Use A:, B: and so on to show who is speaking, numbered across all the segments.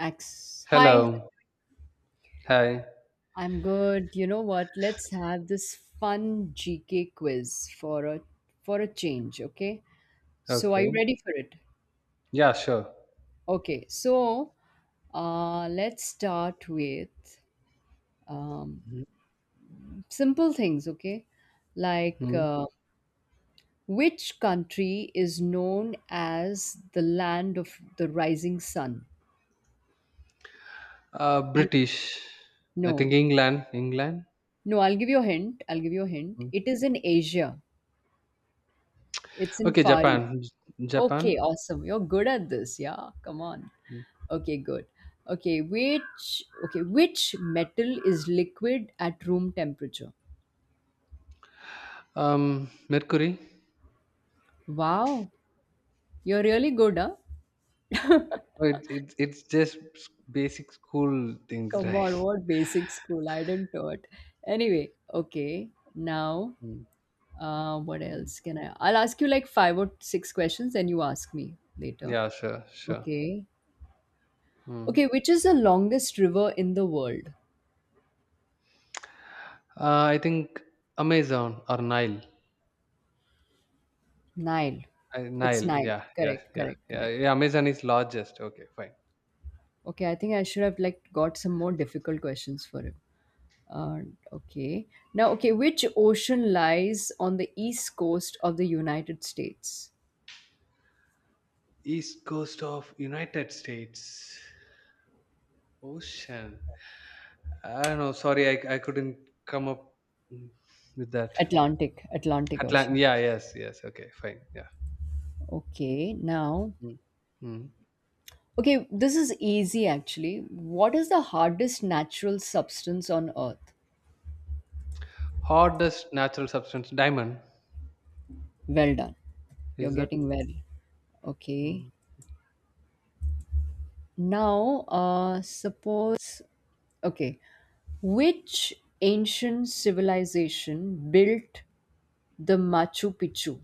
A: X. Hi,
B: Hello. Hi.
A: I'm good. You know what? Let's have this fun GK quiz for a change, okay? So are you
B: Okay.
A: ready for it?
B: Yeah, sure.
A: Okay. So, let's start with um
B: Mhm.
A: simple things, okay? Like
B: Mhm.
A: which country is known as the land of the rising sun? I-
B: British. I think
A: No.
B: England. England.
A: No, I'll give you a hint. I'll give you a hint.
B: Mm.
A: It is in Asia. It's in
B: Okay,
A: Far East.
B: Japan.
A: Okay,
B: Japan.
A: awesome. You're good at this. Yeah, come on.
B: Mm.
A: Okay, good. Okay, which metal is liquid at room temperature?
B: Mercury.
A: Wow, you're really good, huh?
B: Oh, it's just basic school things,
A: Come
B: right?
A: on, what basic school? I didn't know it. Anyway, okay. Now,
B: Mm.
A: what
B: Mm.
A: else can I? I'll ask you like five or six questions, then you ask me later.
B: Yeah, sure, sure.
A: Okay.
B: Mm.
A: Okay, which is the longest river in the world?
B: I think Amazon or Nile.
A: Nile. It's
B: Nile.
A: Nile.
B: Yeah, yeah,
A: Correct,
B: yeah,
A: correct,
B: yeah,
A: correct.
B: yeah. Amazon is largest. Okay, fine.
A: Okay, I think I should have like got some more difficult questions for him. Uh, okay. Now, okay, which ocean lies on the east coast of the United States?
B: East coast of United States. Ocean. I know. Sorry, I couldn't come up mm, with that.
A: Atlantic, Atlantic
B: Atlant.
A: Ocean.
B: Yeah. Yes. Yes. Okay. Fine. Yeah.
A: Okay, now,
B: Mm. Mm.
A: okay, this is easy actually. What is the hardest natural substance on earth?
B: Hardest natural substance. Diamond.
A: Well done. You're
B: Is that?
A: getting well. Okay.
B: Mm.
A: Now, suppose, okay, which ancient civilization built the Machu Picchu?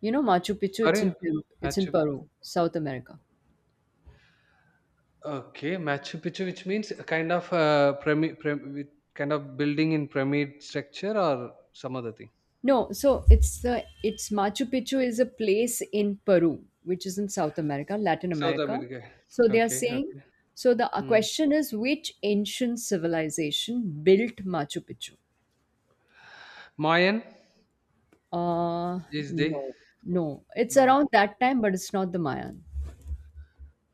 A: You know, Machu Picchu. It's in
B: Sorry.
A: Peru. It's in
B: Machu.
A: Peru, South America.
B: Okay. Machu Picchu, which means a kind of pyramid with kind of building in pyramid structure or some other thing.
A: No, so it's Machu Picchu is a place in Peru, which is in South America, Latin
B: South
A: America.
B: America.
A: So they are
B: Okay.
A: saying.
B: Okay.
A: So the
B: Mm.
A: question is, which ancient civilization built Machu Picchu?
B: Mayan
A: Uh,
B: is they?
A: no, no. It's
B: No.
A: around that time, but it's not the Mayan.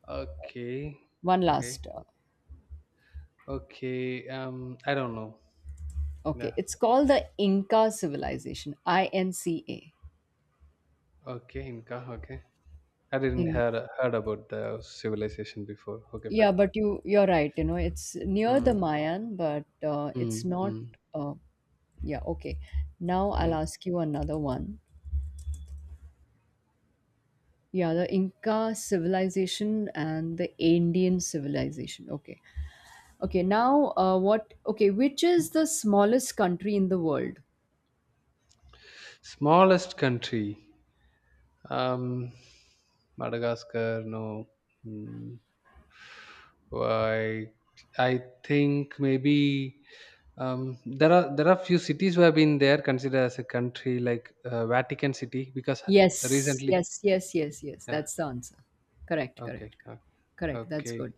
B: Okay.
A: One
B: Okay.
A: last.
B: Okay. I don't know. Yeah.
A: Okay, it's called the Inca civilization. INCA.
B: Okay, Inca. Okay, I didn't
A: In-
B: heard about the civilization before. Okay,
A: Yeah,
B: fine.
A: but you're right. You know, it's near the
B: Mm,
A: Mayan, but it's
B: mm,
A: not.
B: mm,
A: Uh, yeah. Okay. Now I'll
B: mm.
A: ask you another one. Yeah, the Inca civilization and the Indian civilization. Okay. Okay. Now, what? Okay, which is the smallest country in the world?
B: Smallest country. Um, Madagascar. No. Mm, why? I think maybe there are few cities who have been there considered as a country like Vatican City, because
A: Yes,
B: recently.
A: yes, yes, yes, yes.
B: Yeah.
A: That's the answer. Correct,
B: Okay.
A: correct, correct. That's
B: Okay.
A: good.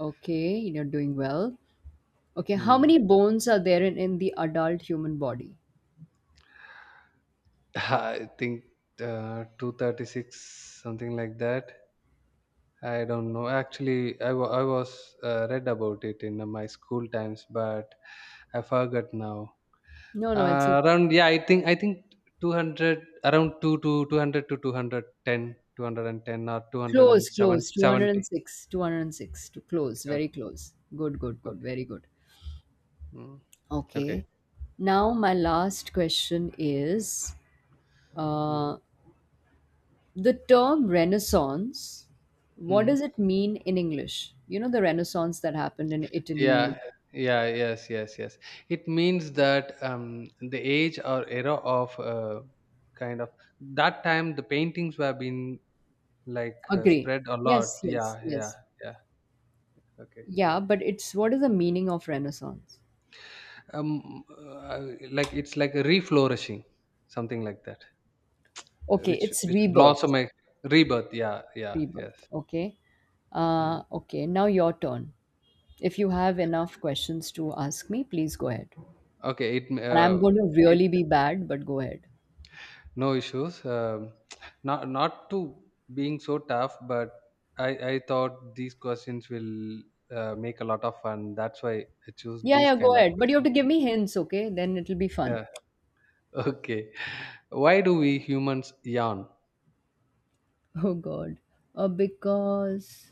A: Okay, you're doing well. Okay, how
B: Hmm.
A: many bones are there in the adult human body?
B: I think 236, something like that. I don't know. Actually, I was read about it in my school times, but I forgot now.
A: No, no, it's a
B: Around yeah, I think 200, around 2 to 200 to 210, 210 or two hundred
A: close,
B: and seven
A: close.
B: seventy.
A: 206, 206. To
B: Okay,
A: close,
B: okay,
A: very close. Good, good, good.
B: okay.
A: Very good.
B: Mm, okay.
A: Okay. Now, my last question is
B: Hmm.
A: uh, the term Renaissance, what
B: Hmm.
A: does it mean in English? You know, the Renaissance that happened in Italy,
B: Yeah, yeah, yes, yes, yes. It means that the age or era of kind of, that time the paintings were being like
A: agree.
B: spread a lot,
A: Yes, yes,
B: yeah, yeah.
A: yes.
B: Yeah. Okay.
A: Yeah, but it's what is the meaning of Renaissance?
B: um uh, like it's like a reflourishing, something like that.
A: Okay,
B: Which
A: it's
B: which
A: rebirth.
B: blossom a rebirth, yeah, yeah.
A: Rebirth.
B: Yes.
A: Okay.
B: Hmm.
A: Okay, now your turn. If you have enough questions to ask me, please go ahead.
B: Okay. it
A: And I'm going to
B: it
A: really be bad, but go ahead.
B: No issues. Not to being so tough, but I thought these questions will make a lot of fun. That's why I choose
A: Yeah,
B: these
A: yeah, go
B: kind of
A: ahead. But you have
B: questions.
A: to give
B: Yeah.
A: me hints, okay? Then it'll be fun.
B: Yeah. Okay, why do we humans yawn?
A: Oh, God. Because,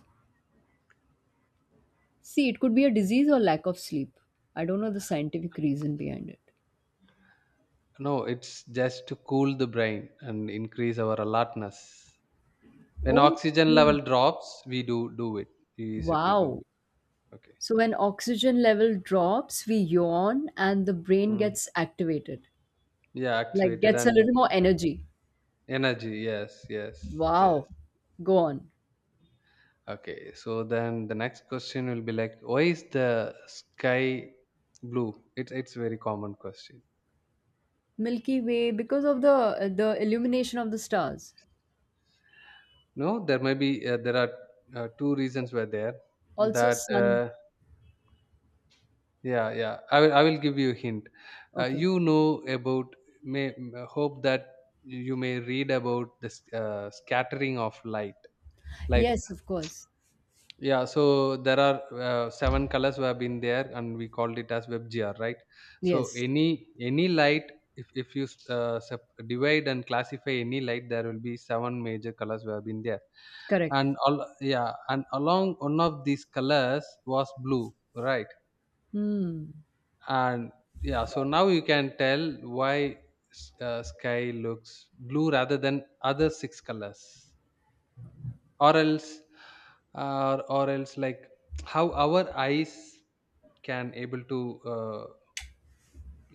A: see, it could be a disease or lack of sleep. I don't know the scientific reason behind it.
B: No, it's just to cool the brain and increase our alertness. When oxygen
A: Okay.
B: level drops, we do do it. We used to do
A: Wow.
B: it. Okay.
A: So when oxygen level drops, we yawn and the brain
B: Mm.
A: gets activated,
B: Yeah,
A: like
B: activated,
A: gets a
B: and
A: little more
B: yeah.
A: energy.
B: Energy. Yes, yes, yes.
A: Wow. Go on.
B: Okay. So then the next question will be like, why is the sky blue? It's very common question.
A: Milky Way because of the illumination of the stars.
B: No, there may be there are two reasons were there,
A: Also
B: that
A: sun.
B: Yeah, yeah. I will give you a hint.
A: Okay.
B: You know about. Hope that you may read about this scattering of light. Like,
A: Yes, of course.
B: yeah. So there are seven colors who have been there, and we called it as WebGR, right? So
A: Yes.
B: any light. If you divide and classify any light, there will be seven major colors who have been there,
A: Correct.
B: and all, yeah, and along one of these colors was blue, right?
A: Hmm.
B: And yeah, so now you can tell why sky looks blue rather than other six colors, or else or else like how our eyes can able to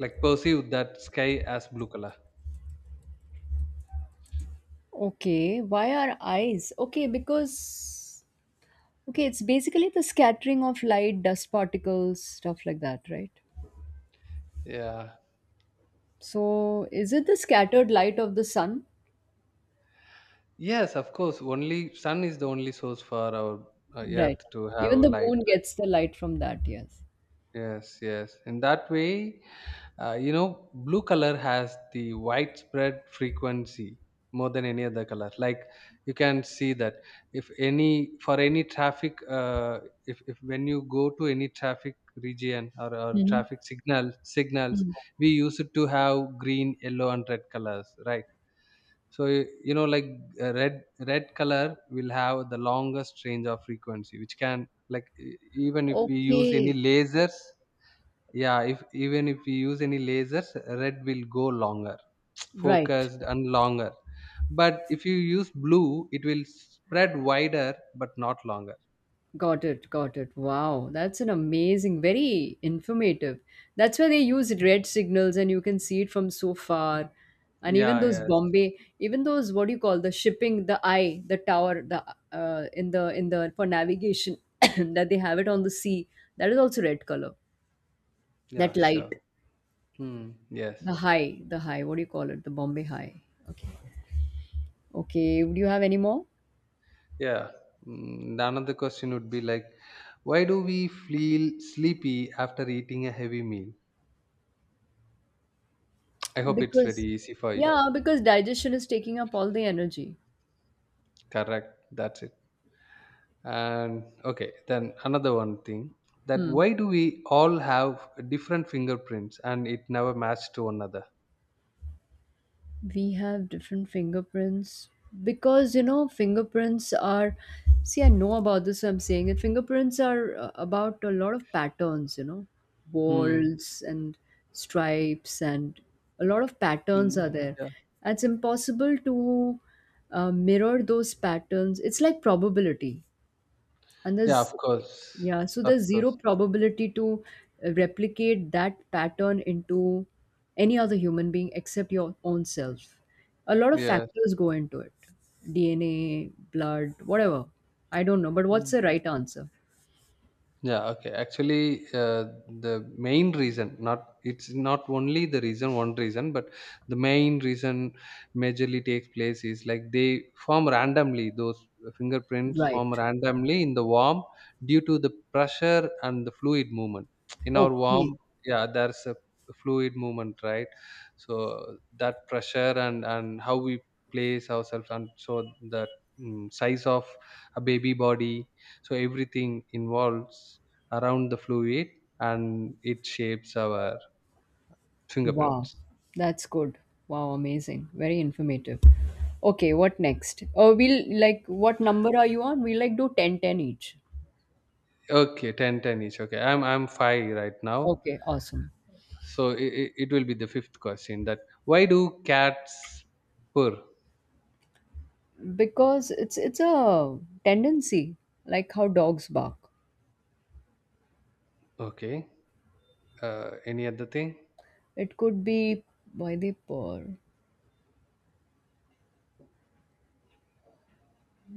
B: like perceive that sky as blue color.
A: Okay. Why are eyes? Okay, because okay, it's basically the scattering of light, dust particles, stuff like that, right?
B: Yeah,
A: So, is it the scattered light of the sun?
B: yes, of course only sun is the only source for our earth
A: Right.
B: to have
A: Even the
B: light,
A: moon
B: right?
A: gets the light from that, yes.
B: Yes, yes. In that way, blue color has the widespread frequency more than any other color. Like you can see that if any for any traffic, if when you go to any traffic region, or
A: Hmm.
B: traffic signals,
A: Hmm.
B: we used to have green, yellow, and red colors, right? So like red color will have the longest range of frequency, which can like even if we use any
A: Okay.
B: lasers, yeah, if even if we use any lasers, red will go longer,
A: Right.
B: focused and longer. But if you use blue, it will spread wider but not longer.
A: Got it. Got it. Wow. That's an amazing, very informative. That's where they use red signals and you can see it from so far. And even
B: Yeah,
A: those
B: yes,
A: Bombay, even those what do you call the shipping, the eye, the tower, the in the in the for navigation that they have it on the sea. That is also red color.
B: yeah,
A: That
B: sure.
A: light,
B: Hmm, yes,
A: the high, the high. What do you call it? The Bombay high. Okay. Okay, would you have any more?
B: yeah. Mm, another question would be like, why do we feel sleepy after eating a heavy meal? I hope it's very
A: Because,
B: easy for you.
A: yeah, because digestion is taking up all the energy.
B: Correct, that's it. And okay, then another one thing, that
A: Hmm.
B: why do we all have different fingerprints and it never matched to another?
A: We have different fingerprints because, you know, fingerprints are, see, I know about this, I'm saying it. Fingerprints are about a lot of patterns, you know,
B: Hmm.
A: balls and stripes, and a lot of patterns
B: Mm.
A: are there.
B: Yeah.
A: It's impossible to mirror those patterns. It's like probability and
B: Yeah.
A: there's
B: Of course.
A: yeah so
B: Of
A: there's zero
B: course.
A: probability to replicate that pattern into any other human being except your own self a lot of
B: Yes.
A: factors go into it DNA blood whatever I don't know but what's the right answer
B: Yeah, okay. Actually, the main reason, not it's not only the reason, one reason, but the main reason majorly takes place is like they form randomly, those fingerprints form
A: right
B: randomly in the worm due to the pressure and the fluid movement. In our
A: okay
B: worm, yeah, there's a fluid movement, right? So that pressure, and how we place ourselves, and so the size of a baby body, so everything involves around the fluid, and it shapes our
A: wow
B: fingerprints.
A: that's good wow amazing very informative okay what next oh we'll like what number are you on we like do 10, 10 each
B: Okay, ten ten 10 each. Okay, I'm 5 right now.
A: okay awesome
B: So it will be the fifth question, that why do cats purr?
A: because it's a tendency like how dogs bark
B: Okay, any other thing?
A: it could be why they purr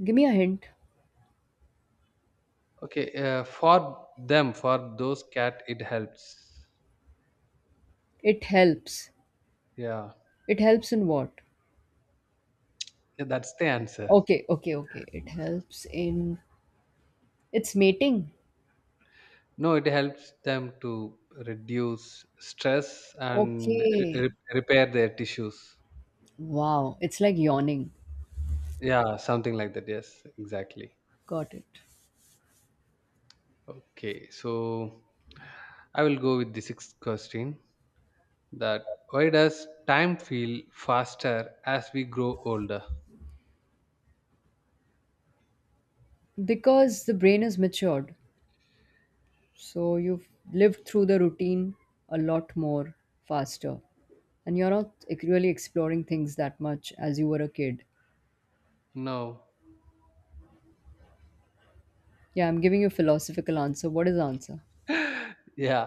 A: give me a hint
B: Okay, for those cat it helps.
A: it helps
B: Yeah.
A: it helps in what
B: Yeah, that's the answer.
A: okay okay okay it helps in it's mating
B: No, it helps them to reduce stress and
A: okay
B: repair their tissues.
A: wow it's like yawning
B: Yeah, something like that. Yes, exactly.
A: got it
B: Okay, so I will go with the sixth question, that why does time feel faster as we grow older?
A: because the brain is matured so you've lived through the routine a lot more faster and you're not really exploring things that much as you were a kid.
B: No.
A: Yeah, I'm giving you a philosophical answer. What is the answer?
B: Yeah,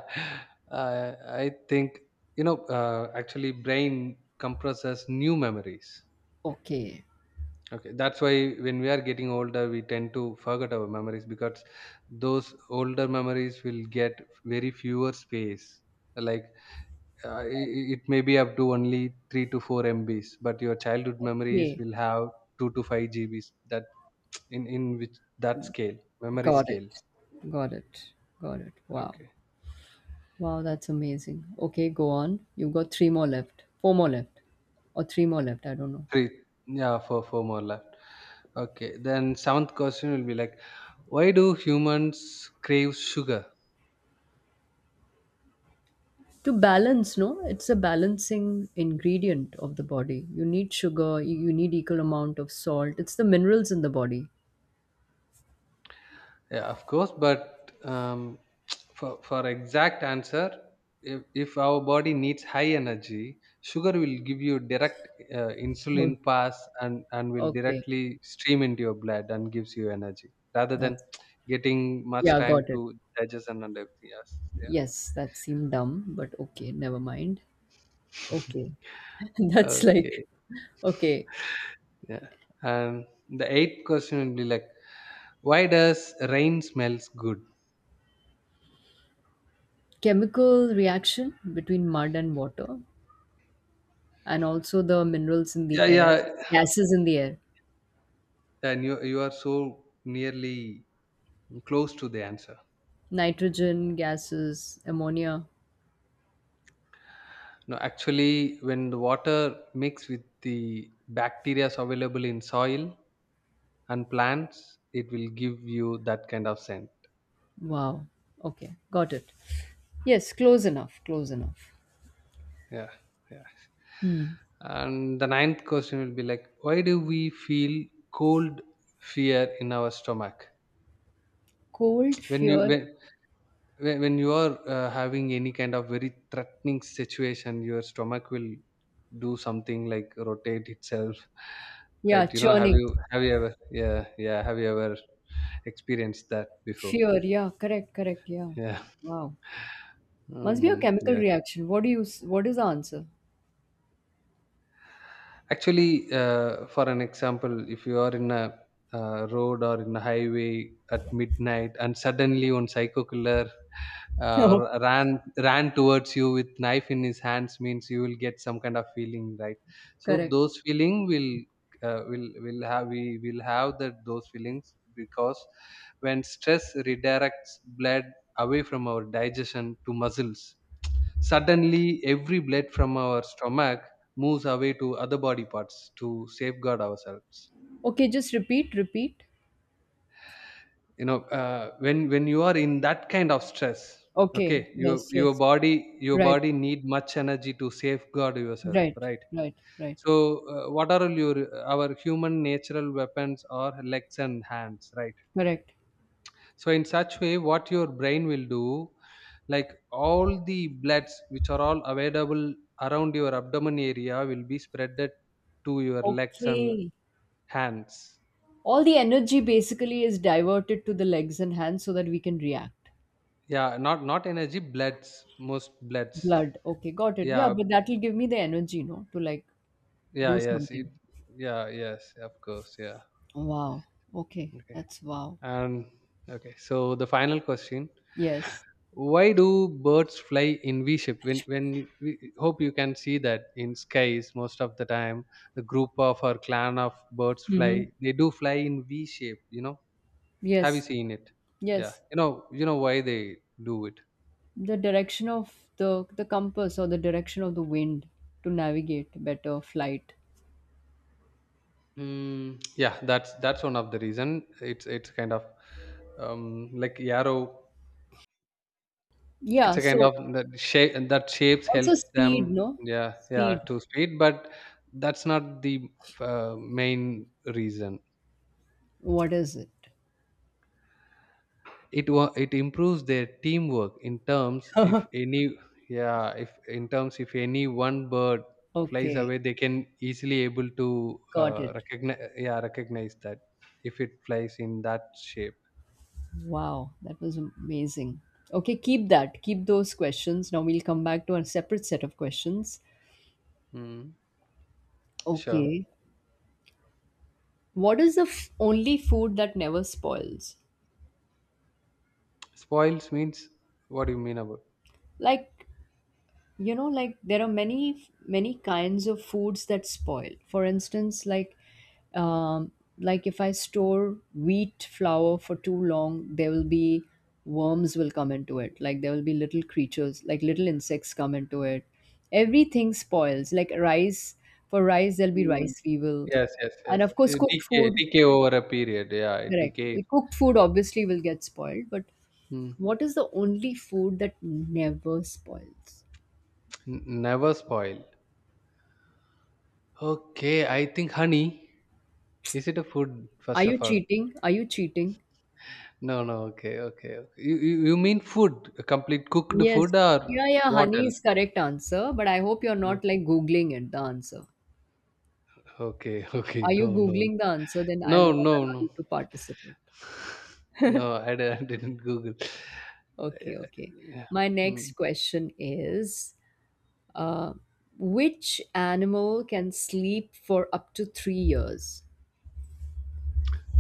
B: I think, actually brain compresses new memories.
A: Okay.
B: Okay, that's why when we are getting older, we tend to forget our memories, because those older memories will get very fewer space. Like uh, it, it may be up to only 3 to 4 MBs, but your childhood memories
A: Okay.
B: will have 2 to 5 GBs, that in which that scale, memory
A: Got
B: scales.
A: it. Got it. Got it. Wow.
B: Okay,
A: Wow, that's amazing. Okay, go on. You've got three more left. Four more left. Or three more left. I don't know.
B: three. Yeah, four more left. Okay, then seventh question will be like, why do humans crave sugar?
A: To balance, no? It's a balancing ingredient of the body. You need sugar, you need equal amount of salt. It's the minerals in the body.
B: Yeah, of course, but for exact answer, if our body needs high energy, sugar will give you direct
A: Oh.
B: insulin pass, and will
A: Okay.
B: directly stream into your blood and gives you energy rather than
A: That's
B: getting much
A: yeah,
B: time
A: got it.
B: to digestion and everything else. Yeah.
A: Yes, that seemed dumb, but okay, never mind. Okay. That's like
B: Okay.
A: okay,
B: Yeah. And the eighth question will be like, why does rain smells good?
A: chemical reaction between mud and water, and also the minerals in
B: Yeah,
A: the air,
B: yeah.
A: gases in the air,
B: And you are so nearly close to the answer.
A: nitrogen gases, ammonia.
B: No, actually, when the water mix with the bacteria available in soil and plants, it will give you that kind of scent.
A: Wow. Okay, got it. Yes, close enough, close enough.
B: Yeah, yeah.
A: Hmm.
B: And the ninth question will be like, why do we feel cold fear in our stomach?
A: Cold,
B: When you
A: fear,
B: when, when you are having any kind of very threatening situation, your stomach will do something like rotate itself,
A: yeah,
B: right? You know,
A: churning,
B: have you ever, yeah, yeah, have you ever experienced that before?
A: fear, yeah, correct, correct, yeah.
B: Yeah.
A: Wow, must be a chemical
B: Yeah.
A: reaction. What do you? What is the answer?
B: Actually, for an example, if you are in a road or in a highway at midnight, and suddenly one psycho killer
A: No.
B: ran towards you with knife in his hands, means you will get some kind of feeling, right? So
A: Correct.
B: those feeling will have we will have that those feelings, because when stress redirects blood away from our digestion to muscles. Suddenly, every blood from our stomach moves away to other body parts to safeguard ourselves.
A: Okay, just repeat, repeat.
B: You know, when you are in that kind of stress,
A: Okay,
B: okay,
A: yes, yes,
B: your
A: right.
B: body need much energy to safeguard yourself,
A: Right,
B: right?
A: right, right.
B: So, what are all your our human natural weapons are legs and hands, right?
A: Correct.
B: So in such way what your brain will do, like all the bloods which are all available around your abdomen area will be spreaded to your legs and
A: Okay.
B: hands.
A: All the energy basically is diverted to the legs and hands so that we can react.
B: Yeah, not energy, bloods, most bloods.
A: Blood. Okay, got it. Yeah,
B: Yeah,
A: but that will give me the energy, no, to like
B: yeah,
A: do
B: yes,
A: something.
B: yeah, yes, of course, yeah.
A: Wow. Okay.
B: Okay,
A: That's wow.
B: and okay, so the final question.
A: Yes.
B: Why do birds fly in V shape? When we hope you can see that in skies most of the time, the group of or clan of birds
A: Mm-hmm.
B: fly. They do fly in V shape. You know, have you
A: Yes.
B: seen it? Yeah,
A: Yes.
B: you know why they do it.
A: The direction of the compass or the direction of the wind to navigate better flight.
B: Mm, yeah, that's one of the reason. It's kind of like yarrow. It's
A: Yeah,
B: a kind of
A: so
B: that shape, that shapes
A: also
B: helps
A: speed,
B: them.
A: no?
B: Yeah, yeah,
A: Speed.
B: to speed, but that's not the main reason.
A: What is it?
B: It improves their teamwork in terms, if any, yeah, if in terms, if any one bird flies
A: Okay.
B: away, they can easily able to
A: Got it.
B: recognize, yeah, recognize that if it flies in that shape.
A: Wow, that was amazing. Okay, keep that. Keep those questions. Now we'll come back to a separate set of questions.
B: Mm, sure.
A: Okay. What is the only food that never spoils?
B: Spoils means, what do you mean about?
A: Like you know like there are many many kinds of foods that spoil for instance um like if I store wheat flour for too long there will be worms will come into it like there will be little creatures like little insects come into it everything spoils like rice for rice there'll be
B: Mm.
A: rice fever
B: Yes, yes,
A: and
B: yes.
A: of course cooked
B: Decay
A: food
B: decay over a period, yeah, it
A: correct.
B: decayed.
A: Eh, cooked food obviously will get spoiled but
B: Mm.
A: what is the only food that never spoils?
B: Never spoiled. Okay, I think honey. Is it a food,
A: Are
B: first
A: you
B: of all?
A: cheating? Are you cheating?
B: No, no. Okay, okay, okay. You mean food? A complete cooked
A: Yes.
B: food or
A: Yeah, yeah,
B: what
A: honey
B: else?
A: is correct answer, but I hope you're
B: Uh,
A: not like Googling it, the answer.
B: Okay, okay.
A: Are you
B: No, no,
A: Googling the answer? Then I'll
B: no,
A: not
B: no,
A: allow
B: no.
A: you to participate.
B: No, I didn't Google. Yeah.
A: Okay, okay.
B: Yeah.
A: My
B: Mm.
A: next question is uh, which animal can sleep for up to 3 years?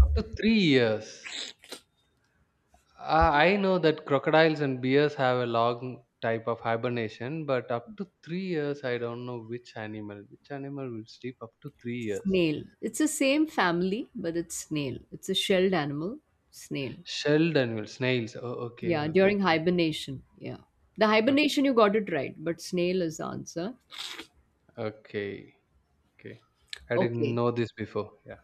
B: Up to three years. I know that crocodiles and bears have a long type of hibernation, but up to three years, I don't know which animal. Which animal will sleep up to three years?
A: Snail. It's the same family, but it's snail. It's a shelled animal, snail.
B: Shelled animals, snails. Oh, okay,
A: Yeah,
B: okay,
A: during
B: fine.
A: hibernation. Yeah. The
B: Okay,
A: hibernation, you got it right, but snail is the answer.
B: okay. Okay. I didn't
A: Okay.
B: know this before. Yeah.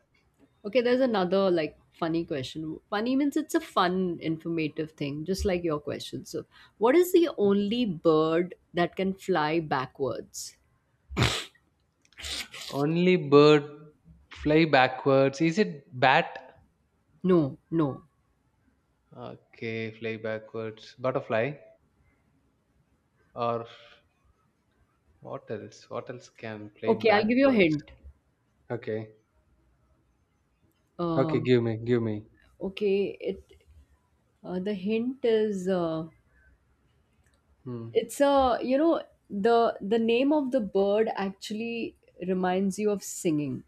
A: Okay, there's another like funny question. Funny means it's a fun, informative thing, just like your question. So, what is the only bird that can fly backwards?
B: Only bird fly backwards. Is it bat?
A: No, no.
B: Okay, fly backwards. Butterfly or what else? What else can fly
A: Okay, I'll give you a
B: backwards?
A: hint.
B: Okay.
A: Uh,
B: Okay, give me.
A: okay, it the hint is
B: Hmm.
A: it's a you know the name of the bird actually reminds you of singing.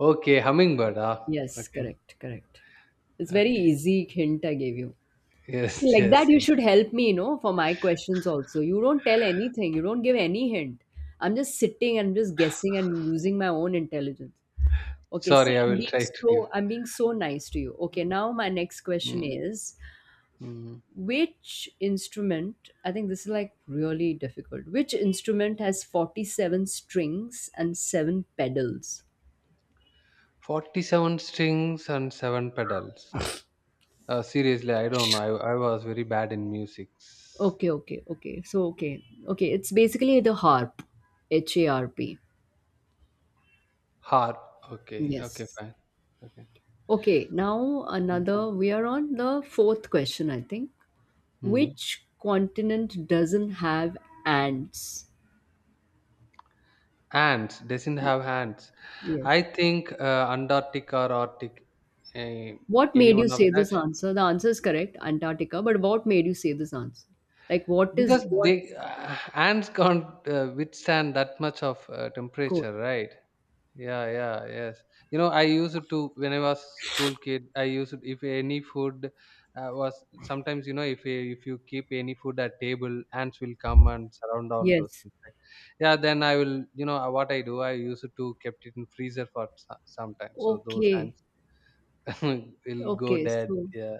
B: Okay, hummingbird. Ah.
A: Yes,
B: Okay.
A: correct, correct. It's very
B: Okay.
A: easy hint I gave you. See,
B: Yes,
A: like
B: yes,
A: that, you
B: yes.
A: should help me, you know, for my questions also. You don't tell anything, you don't give any hint. I'm just sitting and just guessing and using my own intelligence. Okay, see,
B: Sorry, I
A: I'm
B: will
A: being
B: try to give.
A: so I'm being so nice to you. Okay, now my next question
B: Hmm.
A: is
B: Hmm.
A: which instrument, I think this is like really difficult. Which instrument has 47 strings and 7 pedals?
B: 47 strings and 7 pedals. Seriously, I don't know. I was very bad in music.
A: Okay, okay, okay. So okay. Okay, it's basically the harp. H A R P.
B: Harp. Okay. Okay.
A: Yes.
B: Fine. Okay.
A: Okay, now
B: Mm.
A: another. We are on the fourth question, I think.
B: Mm.
A: Which continent doesn't have ants?
B: Hands doesn't have hands. I
A: Yes.
B: think Antarctic or Arctic, uh,
A: What
B: any
A: made you
B: one of
A: say
B: that,
A: this answer? The answer is correct, Antarctica. But what made you say this answer? Like, what is
B: because
A: what
B: they ants can't withstand that much of
A: code?
B: temperature, right? Yeah, yeah, yes. You know, I used to when I was school kid. I used if any food was sometimes you know if you keep any food at table, ants will come and surround all those
A: Yes.
B: things. Right? Yeah, then I will you know what I do. I used to kept it in freezer for some time, so those
A: Okay.
B: ants will go
A: Okay.
B: dead.
A: So
B: Yeah,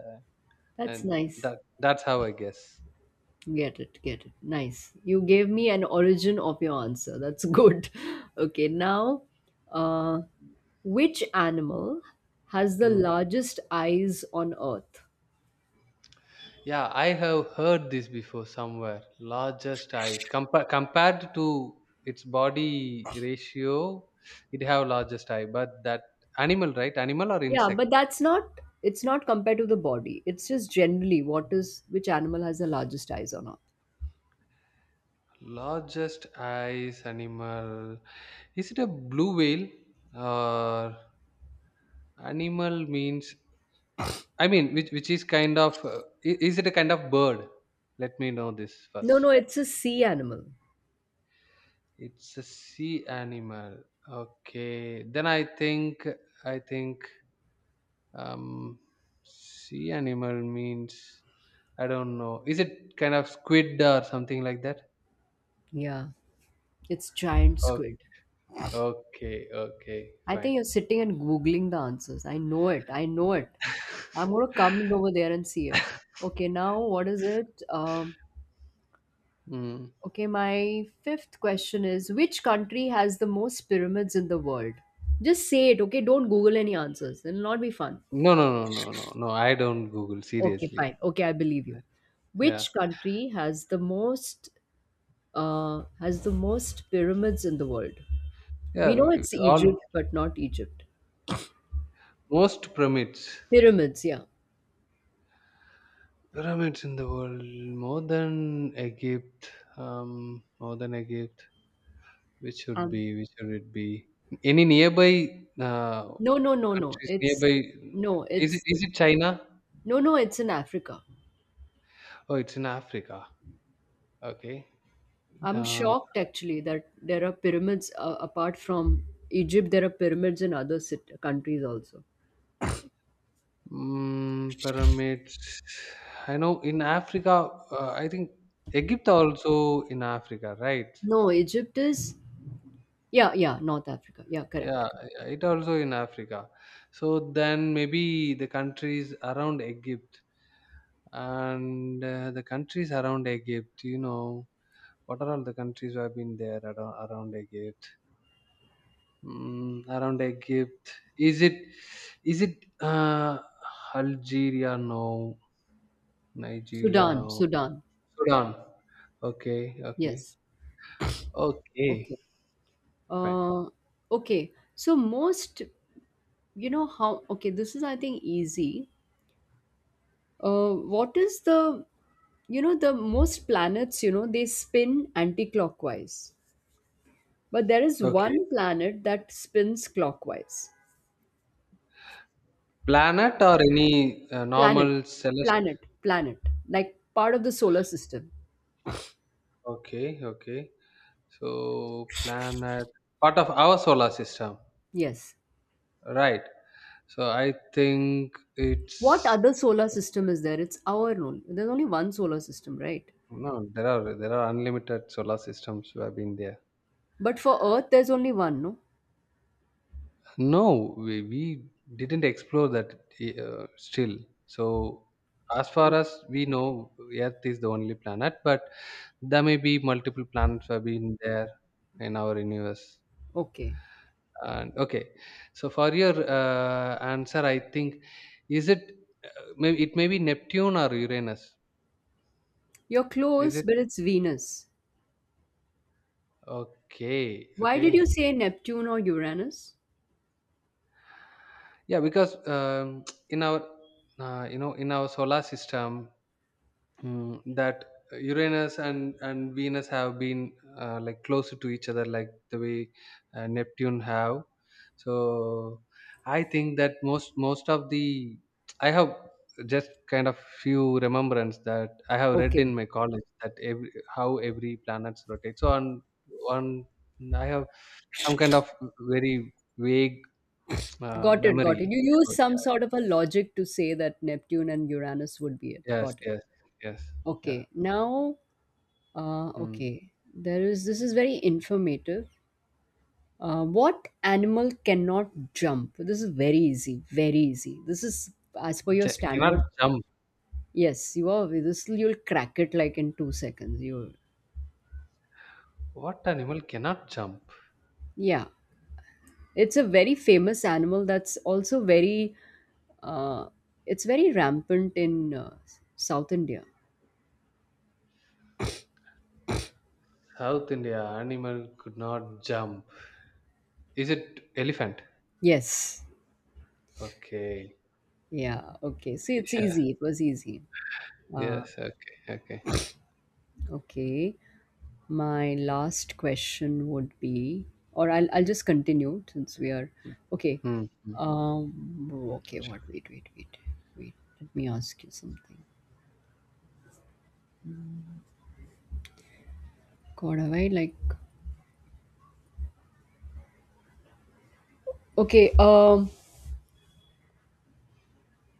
A: that's
B: and
A: nice.
B: that's how I guess.
A: Get it. Get it. Nice. You gave me an origin of your answer. That's good. Okay. Now, uh, which animal has the
B: Hmm.
A: largest eyes on earth?
B: Yeah, I have heard this before somewhere. Largest eyes compared to its body ratio, it have largest eye. But that animal, right? Animal or
A: Yeah,
B: insect?
A: but that's not it's not compared to the body. It's just generally what is which animal has the largest eyes on earth?
B: Largest eyes animal. Is it a blue whale or animal means? I mean, which is kind of is it a kind of bird? Let me know this first.
A: No, no, it's a sea animal.
B: It's a sea animal. Okay, then I think Um, sea animal means I don't know. Is it kind of squid or something like that?
A: Yeah, it's giant
B: Oh,
A: squid.
B: okay, okay,
A: I
B: fine.
A: think you're sitting and googling the answers. I know it. I know it. I'm gonna come over there and see it. Okay, now what is it?
B: Mm.
A: Okay, my fifth question is which country has the most pyramids in the world? Just say it, okay? Don't Google any answers. It'll not be fun.
B: No, no, no, no, no, no. I don't Google
A: Okay,
B: seriously.
A: fine. Okay, I believe you.
B: Yeah,
A: Which country has the most pyramids in the world?
B: yeah.
A: We know it's
B: All
A: Egypt, but not Egypt.
B: most pyramids,
A: Pyramids, yeah.
B: pyramids in the world, more than Egypt, more than Egypt. Which should
A: Um
B: be? Which should it be? Any nearby
A: no, no, no, no,
B: countries
A: it's
B: nearby?
A: no,
B: Is it?
A: it's
B: Is it China?
A: no, no, it's in Africa.
B: Oh, it's in Africa. Okay.
A: I'm
B: Uh,
A: shocked actually that there are pyramids apart from Egypt, there are pyramids in other countries also.
B: pyramids. I know in Africa, I think Egypt also in Africa, right?
A: No, Egypt is, yeah, yeah, North Africa. Yeah, correct.
B: Yeah, it also in Africa. So then maybe the countries around Egypt and the countries around Egypt, you know, what are all the countries who have been there around Egypt? Mm, around Egypt. Is it is it Algeria? No. Nigeria?
A: Sudan,
B: No.
A: Sudan.
B: Sudan. Okay, okay.
A: Yes.
B: Okay,
A: Okay.
B: fine.
A: Uh, okay. So, most, you know, how, okay, this is, I think, easy. What is the, you know, the most planets, you know, they spin anti clockwise, but there is
B: Okay.
A: one planet that spins clockwise.
B: Planet or any
A: Planet,
B: normal celestial?
A: planet, like part of the solar system.
B: Okay, okay. So, planet, part of our solar system.
A: Yes.
B: Right. So, I think
A: What
B: it's.
A: other solar system is there? It's our own. There's only one solar system, right?
B: No, there are unlimited solar systems who have been there.
A: But for Earth, there's only one, no?
B: No, we didn't explore that still. So, as far
A: Okay.
B: as we know, Earth is the only planet, but there may be multiple planets have been there in our universe.
A: Okay.
B: And okay, so for your answer, I think is it uh, may it may be Neptune or Uranus?
A: You're
B: Is
A: close,
B: it
A: but it's Venus.
B: okay?
A: Why did you
B: Okay,
A: say Neptune or Uranus?
B: yeah, because in our you know in our solar system Mm, that Uranus and Venus have been like closer to each other, like the way Neptune have. So I think that most of the I have just kind of few remembrance that I have read
A: Okay.
B: in my college that every how every planets rotate. So on I have some kind of very vague
A: Got it.
B: memory.
A: You used
B: About,
A: some sort of a logic to say that Neptune and Uranus would be it.
B: yeah, yes,
A: Got it.
B: yes, yes, yeah.
A: Okay. Now,
B: Mm.
A: okay. There is, this is very informative. What animal cannot jump? This is very easy, very easy. This is as per your
B: Cannot
A: standard.
B: jump.
A: Yes, you are. This you'll crack it like in 2 seconds. You,
B: What animal cannot jump?
A: yeah. It's a very famous animal that's also very. Uh, it's very rampant in South India.
B: South India animal could not jump. Is it elephant?
A: Yes.
B: Okay.
A: Yeah. Okay. See, it's easy. It was easy.
B: Yeah.
A: Uh,
B: Yes. Okay. Okay.
A: okay. My last question would be or I'll just continue since we are okay
B: Hmm. Hmm.
A: um okay what
B: Sure.
A: wait, let me ask you something, god have I like okay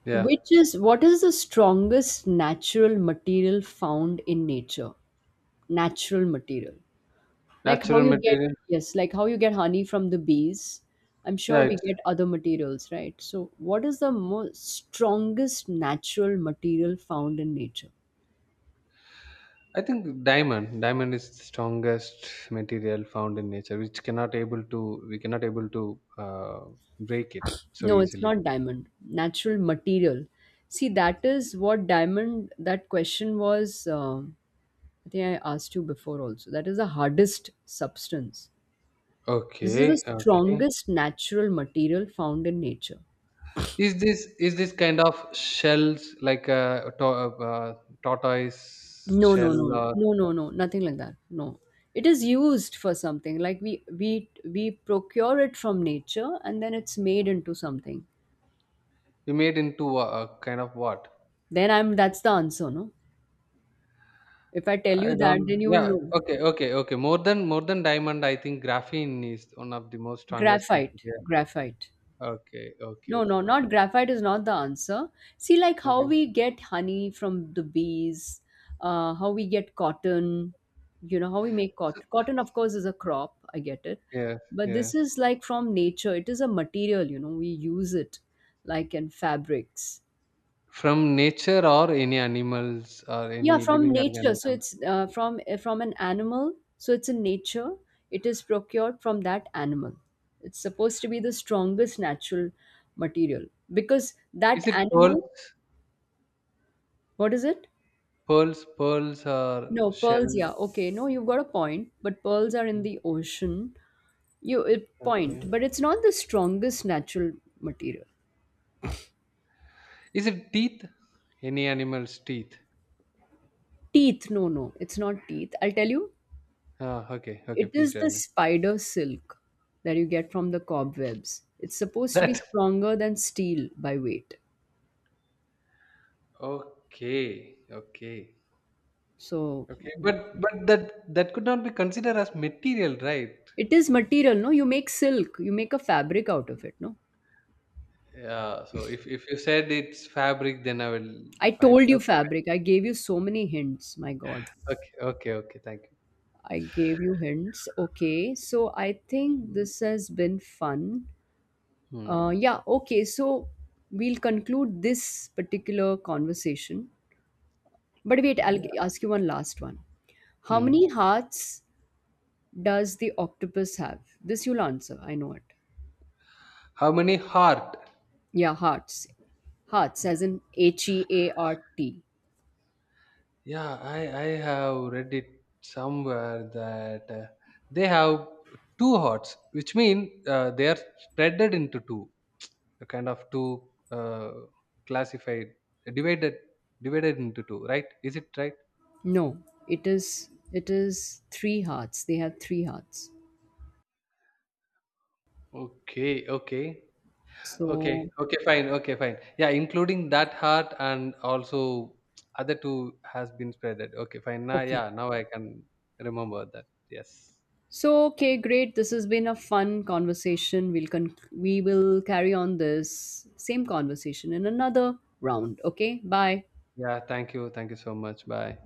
B: Yeah.
A: which is what is the strongest natural material found in nature, natural material, like how
B: Natural
A: you get,
B: material.
A: yes, like how you get honey from the bees. I'm
B: Yeah.
A: sure we get other materials, right? So what is the most strongest natural material found in nature?
B: I think diamond. Diamond is the strongest material found in nature, which cannot able to. We cannot able to break it so
A: No, it's
B: easily.
A: not diamond, natural material. See, that is what diamond, that question was I think I asked you before also, that is the hardest substance. This is the
B: Okay. Okay.
A: strongest natural material found in nature.
B: Is this kind of shells like a, uh tortoise
A: No, no,
B: shell
A: no,
B: or
A: no, no, no, nothing like that. No, it is used for something. Like we procure it from nature, and then it's made into something.
B: You made into a kind of what?
A: Then I'm that's the answer, no? If I tell
B: I
A: you that,
B: don't.
A: then you will
B: Yeah.
A: know.
B: Okay. Okay. Okay. More than diamond, I think graphene is one of the most strongest
A: Graphite,
B: material.
A: graphite.
B: Okay. Okay.
A: No, no,
B: Fine.
A: not graphite is not the answer. See, like how
B: Okay.
A: we get honey from the bees, how we get cotton, you know, how we make
B: So,
A: cotton. Cotton, of course, is a crop, I get it.
B: yes.
A: But
B: Yes.
A: this is like from nature, it is a material, you know, we use it like in fabrics.
B: From nature or any animals or
A: Yeah,
B: any
A: from
B: living
A: nature. So
B: organism.
A: it's from an animal. So it's in nature. It is procured from that animal. It's supposed to be the strongest natural material because that
B: Is it pearls?
A: animal, what is it?
B: Pearls. Pearls or
A: No, pearls,
B: shell?
A: yeah. Okay, no, you've got a point, but pearls are in the ocean. You it, point,
B: Okay.
A: but it's not the strongest natural material.
B: Is it teeth? Any animal's teeth?
A: Teeth, no, no, it's not teeth. I'll tell you,
B: Ah. Okay. Okay.
A: it
B: Please
A: is
B: tell
A: the
B: me
A: spider silk that you get from the cobwebs. It's supposed to be
B: that.
A: stronger than steel by weight.
B: Okay. Okay.
A: So
B: Okay, but but that could not be considered as material, right?
A: it is material, no? You make silk, you make a fabric out of it, no?
B: Yeah. So if you said it's fabric, then I will
A: I
B: find.
A: told you
B: Okay.
A: fabric. I gave you so many hints, my God.
B: Okay. Okay. Okay. Thank
A: I gave you hints. Okay. So I think
B: you.
A: this has been fun.
B: Hmm.
A: Yeah. Okay. So we'll conclude this particular conversation. But wait,
B: Yeah.
A: ask you one last one. How
B: Hmm.
A: many hearts does the octopus have? This you'll answer. I know it.
B: How many heart?
A: Yeah, hearts. Hearts as in heart.
B: Yeah, I have read it somewhere that they have two hearts, which mean they are spreaded into two, a kind of two classified, divided, divided into two, right? Is it right?
A: No, it is three hearts. They have three hearts.
B: Okay, okay. Okay,
A: So
B: okay, fine, okay, fine. Yeah, including that heart and also other two has been spreaded. Okay, fine. Now,
A: okay.
B: yeah, now I can remember that. Yes.
A: So, okay, great. This has been a fun conversation. We will carry on this same conversation in another round. Okay, bye.
B: Yeah, thank you. Thank you so much. Bye.